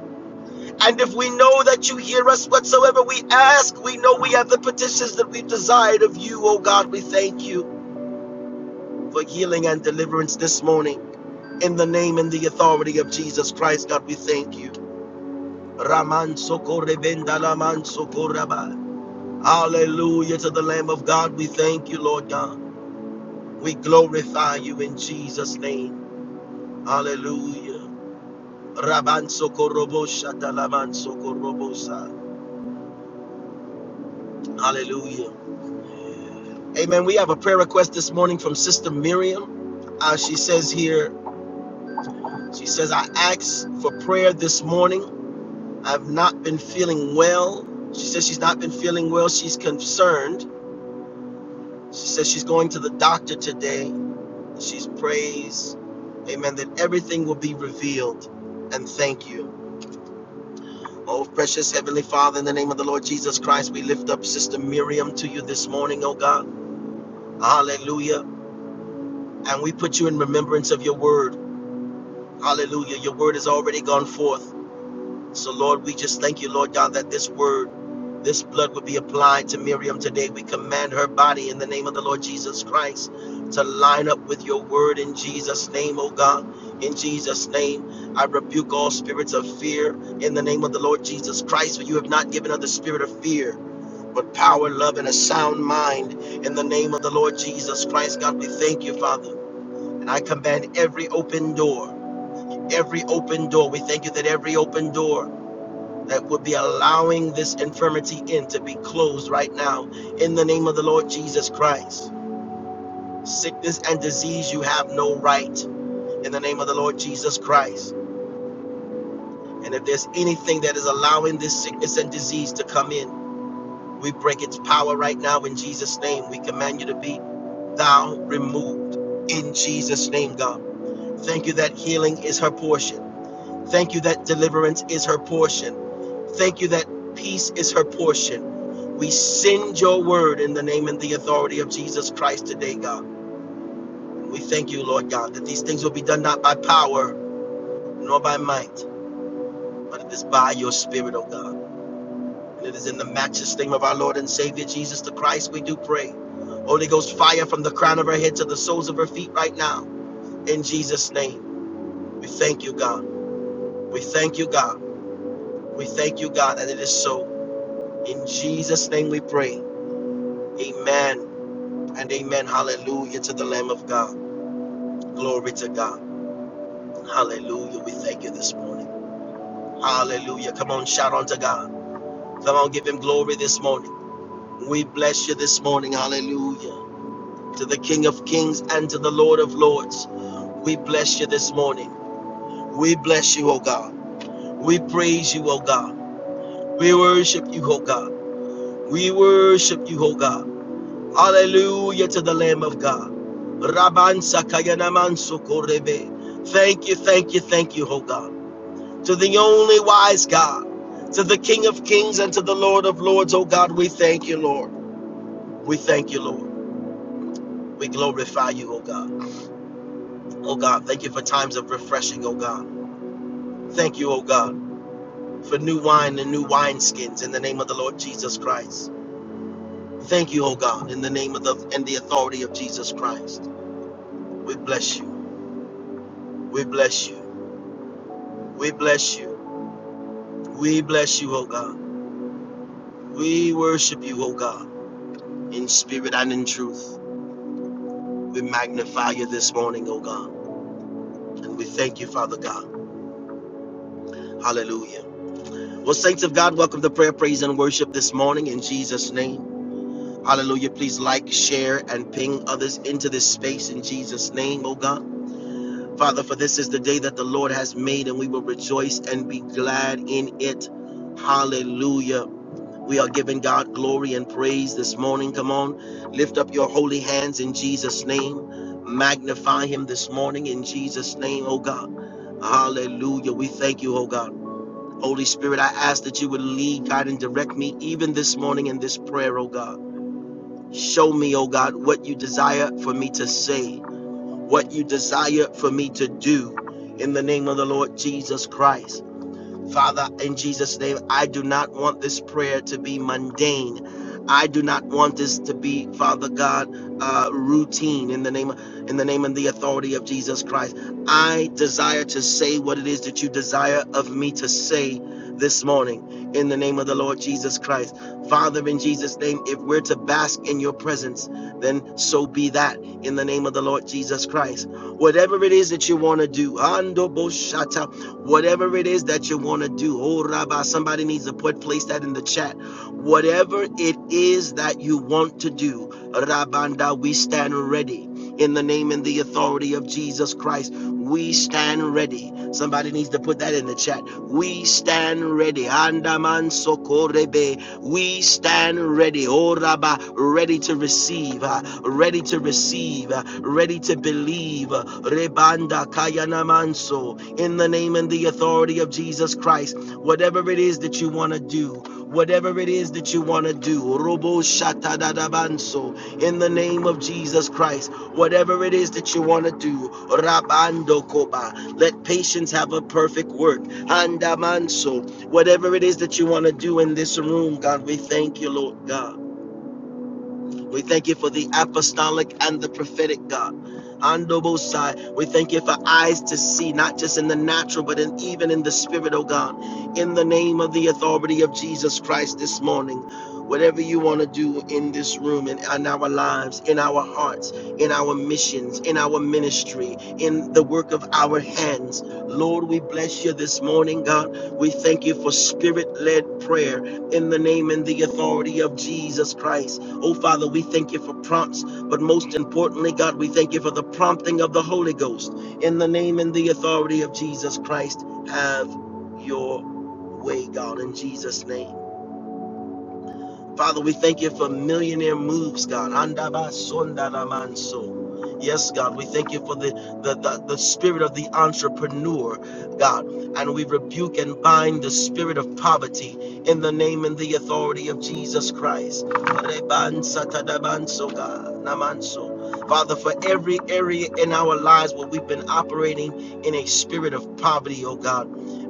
Speaker 6: And if we know that you hear us whatsoever we ask, we know we have the petitions that we've desired of you, O God. We thank you for healing and deliverance this morning. In the name and the authority of Jesus Christ, God, we thank you. Raman sokorebenda laman sokoraba. Hallelujah to the Lamb of God. We thank you, Lord God. We glorify you in Jesus' name. Hallelujah. Hallelujah. Amen. We have a prayer request this morning from Sister Miriam. Uh, she says here, she says, I asked for prayer this morning. I've not been feeling well. She says she's not been feeling well. She's concerned. She says she's going to the doctor today. She's prays, amen, that everything will be revealed. And thank you. Oh, precious Heavenly Father, in the name of the Lord Jesus Christ, we lift up Sister Miriam to you this morning, oh God. Hallelujah. And we put you in remembrance of your word. Hallelujah. Your word has already gone forth. So, Lord, we just thank you, Lord God, that this word, this blood would be applied to Miriam today. We command her body in the name of the Lord Jesus Christ to line up with your word in Jesus' name, oh God. In Jesus' name, I rebuke all spirits of fear in the name of the Lord Jesus Christ, for you have not given us the spirit of fear, but power, love, and a sound mind in the name of the Lord Jesus Christ. God, we thank you, Father. And I command every open door, every open door. We thank you that every open door that would be allowing this infirmity in to be closed right now in the name of the Lord Jesus Christ. Sickness and disease, you have no right in the name of the Lord Jesus Christ. And if there's anything that is allowing this sickness and disease to come in, we break its power right now in Jesus' name. We command you to be thou removed in Jesus' name, God. Thank you that healing is her portion. Thank you that deliverance is her portion. Thank you that peace is her portion. We send your word in the name and the authority of Jesus Christ today, God. And we thank you, Lord God, that these things will be done not by power nor by might, but it is by your spirit, O God. And it is in the matchless name of our Lord and Savior Jesus the Christ we do pray. Holy Ghost fire from the crown of her head to the soles of her feet right now. In Jesus' name, we thank you, God. We thank you, God. We thank you, God. And it is so. In Jesus' name we pray. Amen and amen. Hallelujah to the Lamb of God. Glory to God. Hallelujah. We thank you this morning. Hallelujah. Come on, shout unto God. Come on, give him glory this morning. We bless you this morning. Hallelujah. To the King of Kings and to the Lord of Lords. We bless you this morning. We bless you, O God. We praise you, O God. We worship you, O God. We worship you, O God. Hallelujah to the Lamb of God. Rabban Sakayanaman Sukorebe. Thank you, thank you, thank you, O God. To the only wise God, to the King of Kings and to the Lord of Lords, O God, we thank you, Lord. We thank you, Lord. We glorify you, O God. O God, thank you for times of refreshing, O God. Thank you, O God, for new wine and new wineskins in the name of the Lord Jesus Christ. Thank you, O God, in the name of the and the authority of Jesus Christ. We bless you. We bless you. We bless you. We bless you, O God. We worship you, O God, in spirit and in truth. We magnify you this morning, O God. And we thank you, Father God. Hallelujah. Well, saints of God, welcome to prayer, praise, and worship this morning in Jesus' name. Hallelujah. Please like, share, and ping others into this space in Jesus' name, O God. Father, for this is the day that the Lord has made, and we will rejoice and be glad in it. Hallelujah. We are giving God glory and praise this morning. Come on, lift up your holy hands in Jesus' name. Magnify Him this morning in Jesus' name, oh God. Hallelujah. We thank you, oh God. Holy Spirit, I ask that you would lead, guide, and direct me even this morning in this prayer, oh God. Show me, oh God, what you desire for me to say, what you desire for me to do in the name of the Lord Jesus Christ. Father, in Jesus' name, I do not want this prayer to be mundane. I do not want this to be, Father God, uh, routine in the name of, in the name and the authority of Jesus Christ. I desire to say what it is that you desire of me to say this morning in the name of the Lord Jesus Christ. Father, in Jesus' name, if we're to bask in your presence, then so be that in the name of the Lord Jesus Christ. Whatever it is that you want to do, Whatever it is that you want to do. Oh, Rabbi, somebody needs to put place that in the chat. Whatever it is that you want to do, Rabanda, we stand ready. In the name and the authority of Jesus Christ, we stand ready. Somebody needs to put that in the chat. We stand ready. Andaman Sokorebe we stand ready, oh Rabba, ready to receive, uh, ready to receive, uh, ready to believe. uh, Rebanda Kayana Manso, in the name and the authority of Jesus Christ, whatever it is that you want to do, whatever it is that you want to do, Robo Shatadabanso, in the name of Jesus Christ, whatever it is that you want to do, Rabando Koba, let patience have a perfect work. Andamanso, Whatever it is that you want to do in this room, God, we thank you, Lord God. We thank you for the apostolic and the prophetic, God. Andobosai, we thank you for eyes to see, not just in the natural, but in, even in the spirit, oh God. In the name of the authority of Jesus Christ this morning, whatever you want to do in this room, in, in our lives, in our hearts, in our missions, in our ministry, in the work of our hands, Lord, we bless you this morning, God. We thank you for spirit led prayer in the name and the authority of Jesus Christ. Oh, Father, we thank you for prompts, but most importantly, God, we thank you for the prompting of the Holy Ghost. In the name and the authority of Jesus Christ, have your way, God, in Jesus' name. Father, we thank you for millionaire moves, God. Andaba sondaramanso. Yes, God, we thank you for the, the, the, the spirit of the entrepreneur, God. And we rebuke and bind the spirit of poverty in the name and the authority of Jesus Christ. Rebansatadabanso, God, namanso. Father, for every area in our lives where we've been operating in a spirit of poverty, oh God,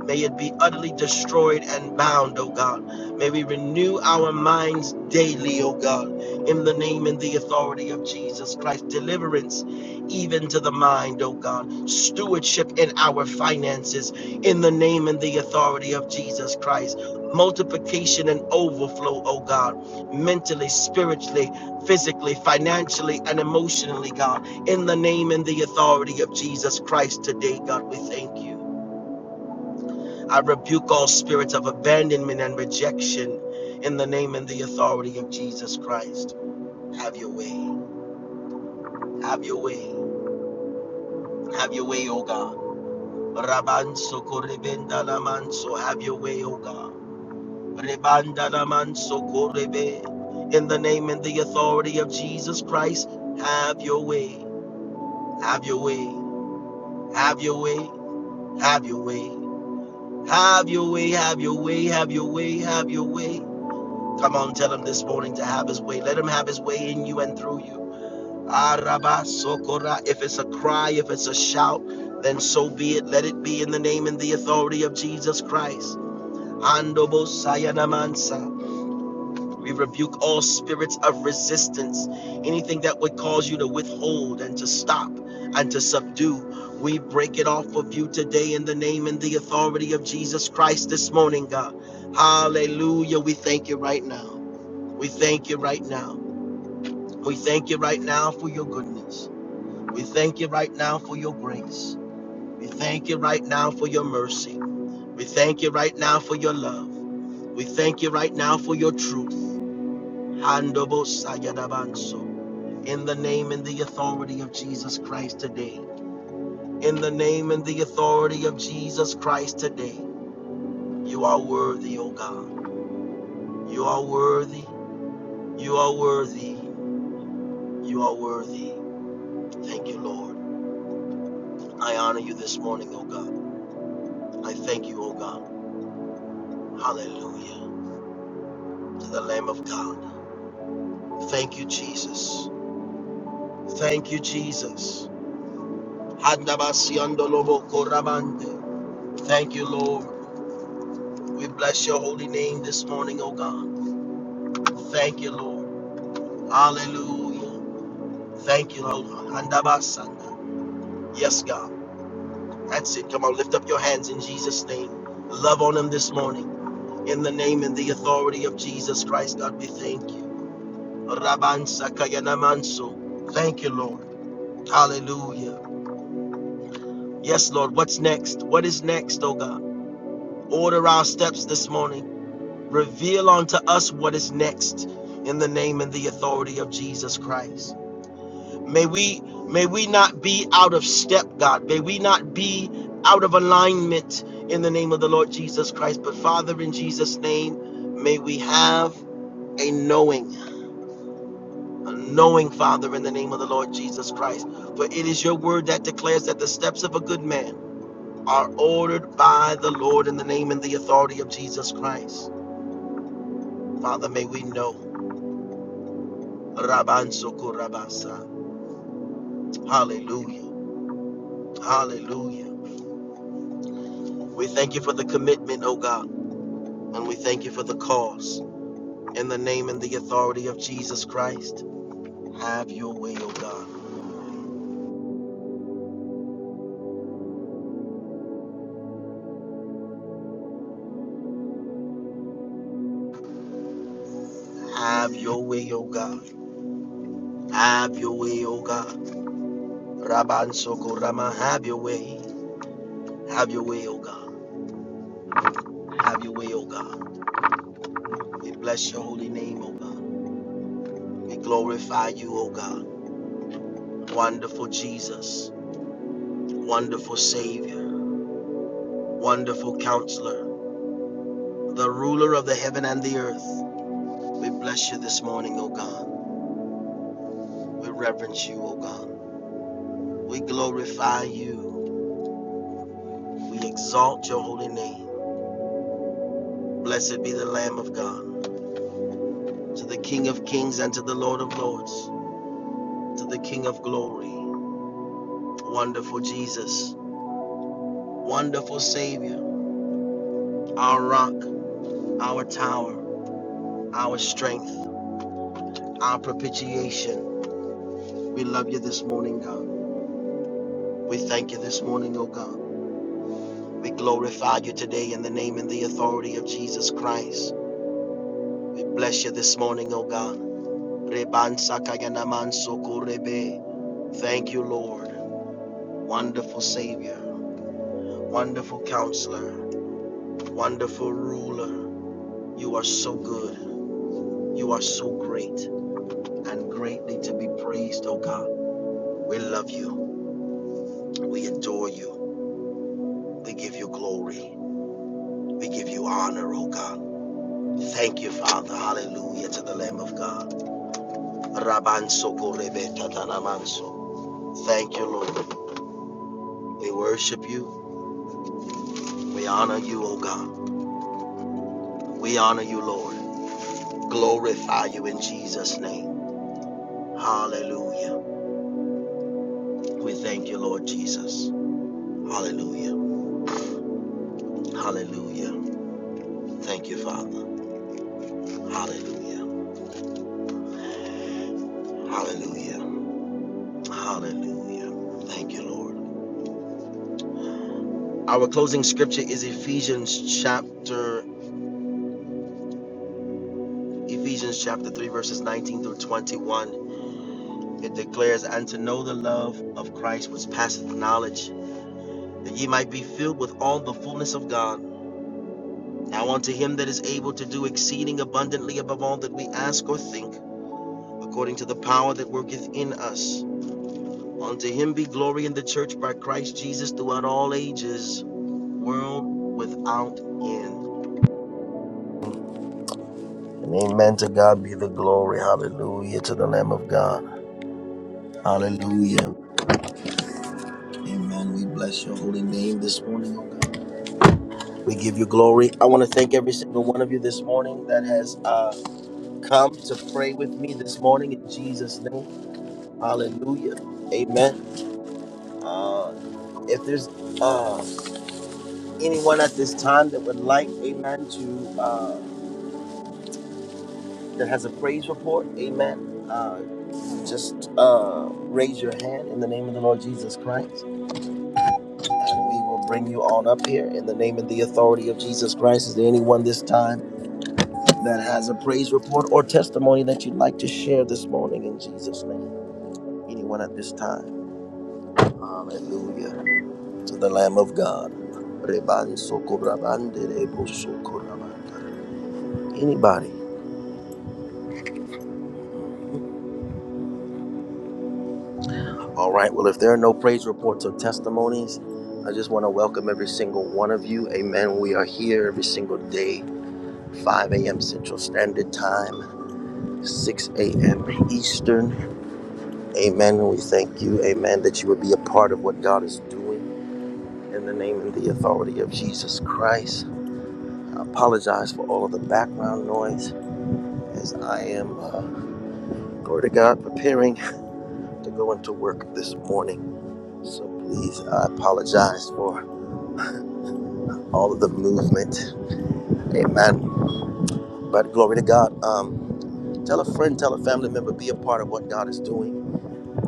Speaker 6: may it be utterly destroyed and bound, oh God. May we renew our minds daily, O God, in the name and the authority of Jesus Christ. Deliverance even to the mind, O God. Stewardship in our finances in the name and the authority of Jesus Christ. Multiplication and overflow, O God, mentally, spiritually, physically, financially, and emotionally, God, in the name and the authority of Jesus Christ today, God, we thank you. I rebuke all spirits of abandonment and rejection in the name and the authority of Jesus Christ. Have your way. Have your way. Have your way, O God. Rabanso korebenda lamanso. Have your way, O God. Rebanda lamanso korebe. In the name and the authority of Jesus Christ, have your way. Have your way. Have your way. Have your way. Have your way. Have your way. Have your way. Have your way. Come on, tell him this morning to have his way. Let him have his way in you and through you. Araba sokora. If it's a cry, if it's a shout, then so be it. Let it be in the name and the authority of Jesus Christ. Andobo sayanamansa. We rebuke all spirits of resistance, anything that would cause you to withhold and to stop and to subdue. We break it off of you today in the name and the authority of Jesus Christ this morning, God. Hallelujah. We thank you right now. We thank you right now. We thank you right now for your goodness. We thank you right now for your grace. We thank you right now for your mercy. We thank you right now for your love. We thank you right now for your truth. Handobo sayadabanso. In the name and the authority of Jesus Christ today. In the name and the authority of Jesus Christ today. You are worthy, O God. You are worthy. You are worthy. You are worthy. Thank you, Lord. I honor you this morning, O God. I thank you, O God. Hallelujah to the Lamb of God. Thank you, Jesus. Thank you, Jesus. Handabasiandolobo korabande. Thank you, Lord. We bless your holy name this morning, O God. Thank you, Lord. Hallelujah. Thank you, Lord. Handabasanda. Yes, God. That's it. Come on, lift up your hands in Jesus' name. Love on him this morning. In the name and the authority of Jesus Christ, God, we thank you. Rabansakayanamanso. Thank you, Lord. Hallelujah. Yes, Lord. What's next? What is next, oh God? Order our steps this morning. Reveal unto us what is next in the name and the authority of Jesus Christ. May we may we not be out of step, God. May we not be out of alignment in the name of the Lord Jesus Christ. But Father, in Jesus' name, may we have a knowing. knowing, Father, in the name of the Lord Jesus Christ. For it is your word that declares that the steps of a good man are ordered by the Lord in the name and the authority of Jesus Christ. Father, may we know. Rabban Sokorabasa. Hallelujah. Hallelujah. We thank you for the commitment, O God, and we thank you for the cause. In the name and the authority of Jesus Christ, have your way, O God. Have your way, O God. Have your way, O God. Rabban Sokorama, have your way. Have your way, O God. Have your way, O God. We bless your holy name, O God. We glorify you, O God. Wonderful Jesus, wonderful Savior, wonderful Counselor, the ruler of the heaven and the earth. We bless you this morning, O God. We reverence you, O God. We glorify you. We exalt your holy name. Blessed be the Lamb of God, to the King of kings and to the Lord of lords, to the King of glory. Wonderful Jesus, wonderful Savior, our rock our tower, our strength, our propitiation. We love you this morning, God. We thank you this morning, O God. We glorify you today in the name and the authority of Jesus Christ. We bless you this morning, O God. Thank you, Lord. Wonderful Savior, wonderful counselor, wonderful ruler. You are so good. You are so great and greatly to be praised, O God. We love you. We adore you. We give you glory. We give you honor, O God. Thank you, Father. Hallelujah to the Lamb of God. Rabanso korebe tatanamanso. Thank you, Lord. We worship you. We honor you, O God. We honor you, Lord. Glorify you in Jesus' name. Hallelujah. We thank you, Lord Jesus. Hallelujah. Hallelujah. Thank you, Father. Hallelujah. Hallelujah. Hallelujah. Thank you, Lord. Our closing scripture is Ephesians chapter Ephesians chapter 3, verses 19 through 21, it declares, And to know the love of Christ which passeth knowledge, that ye might be filled with all the fullness of God. Now unto him that is able to do exceeding abundantly above all that we ask or think, according to the power that worketh in us. Unto him be glory in the church by Christ Jesus throughout all ages, world without end. And amen to God be the glory. Hallelujah to the Lamb of God. Hallelujah. Amen. We bless your holy name this morning, oh God. We give you glory. I want to thank every single one of you this morning that has uh, come to pray with me this morning in Jesus' name. Hallelujah. Amen. Uh, if there's uh, anyone at this time that would like, amen, to uh, that has a praise report, amen, uh, just uh, raise your hand in the name of the Lord Jesus Christ, and we will bring you on up here in the name and the authority of Jesus Christ. Is there anyone this time? that has a praise report or testimony that you'd like to share this morning in Jesus' name. Anyone at this time? Hallelujah to the Lamb of God. Reban sokorabande rebo sokorabanda. Anybody? All right. Well, if there are no praise reports or testimonies, I just want to welcome every single one of you. Amen. We are here every single day, 5 a.m. Central Standard Time, 6 a.m. Eastern. Amen. We thank you. Amen. That you would be a part of what God is doing. In the name and the authority of Jesus Christ, I apologize for all of the background noise as I am, uh, glory to God, preparing to go into work this morning. So please, I apologize for all of the movement. Amen. But glory to God. Um, tell a friend, tell a family member, be a part of what God is doing.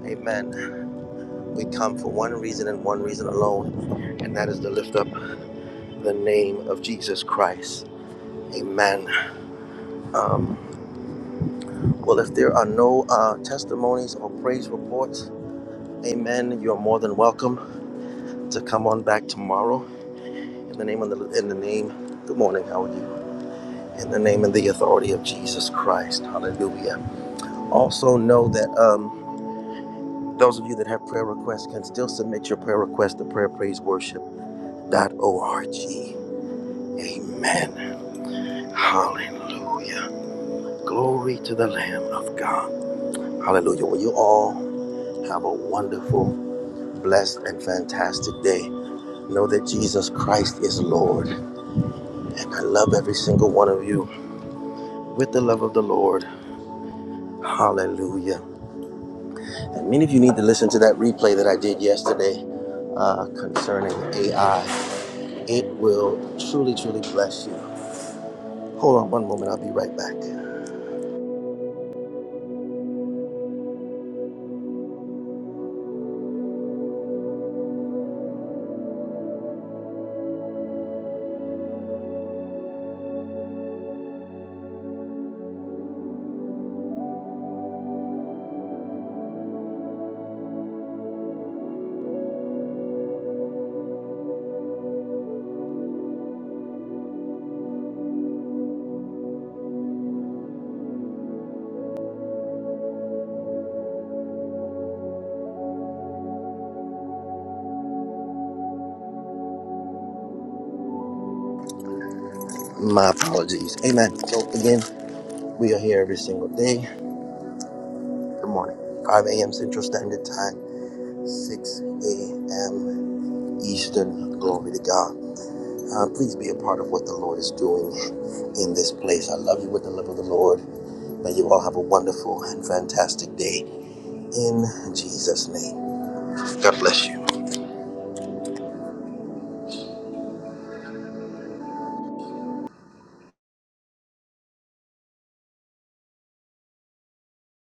Speaker 6: Amen. We come for one reason and one reason alone, and that is to lift up the name of Jesus Christ. Amen. Um, Well, if there are no uh, testimonies or praise reports, Amen. You are more than welcome to come on back tomorrow. In the name of the in the name. Good morning. How are you? In the name and the authority of Jesus Christ. Hallelujah. Also know that um, those of you that have prayer requests can still submit your prayer request to prayer praise worship dot org. Amen. Hallelujah. Glory to the Lamb of God. Hallelujah. Well, you all have a wonderful, blessed, and fantastic day. Know that Jesus Christ is Lord. And I love every single one of you with the love of the Lord. Hallelujah. And many of you need to listen to that replay that I did yesterday uh, concerning AI. It will truly, truly bless you. Hold on one moment. I'll be right back. My apologies. Amen. So, again, we are here every single day. Good morning. 5 a.m. Central Standard Time, 6 a.m. Eastern. Glory to God. Uh, please be a part of what the Lord is doing in this place. I love you with the love of the Lord. May you all have a wonderful and fantastic day in Jesus' name. God bless you.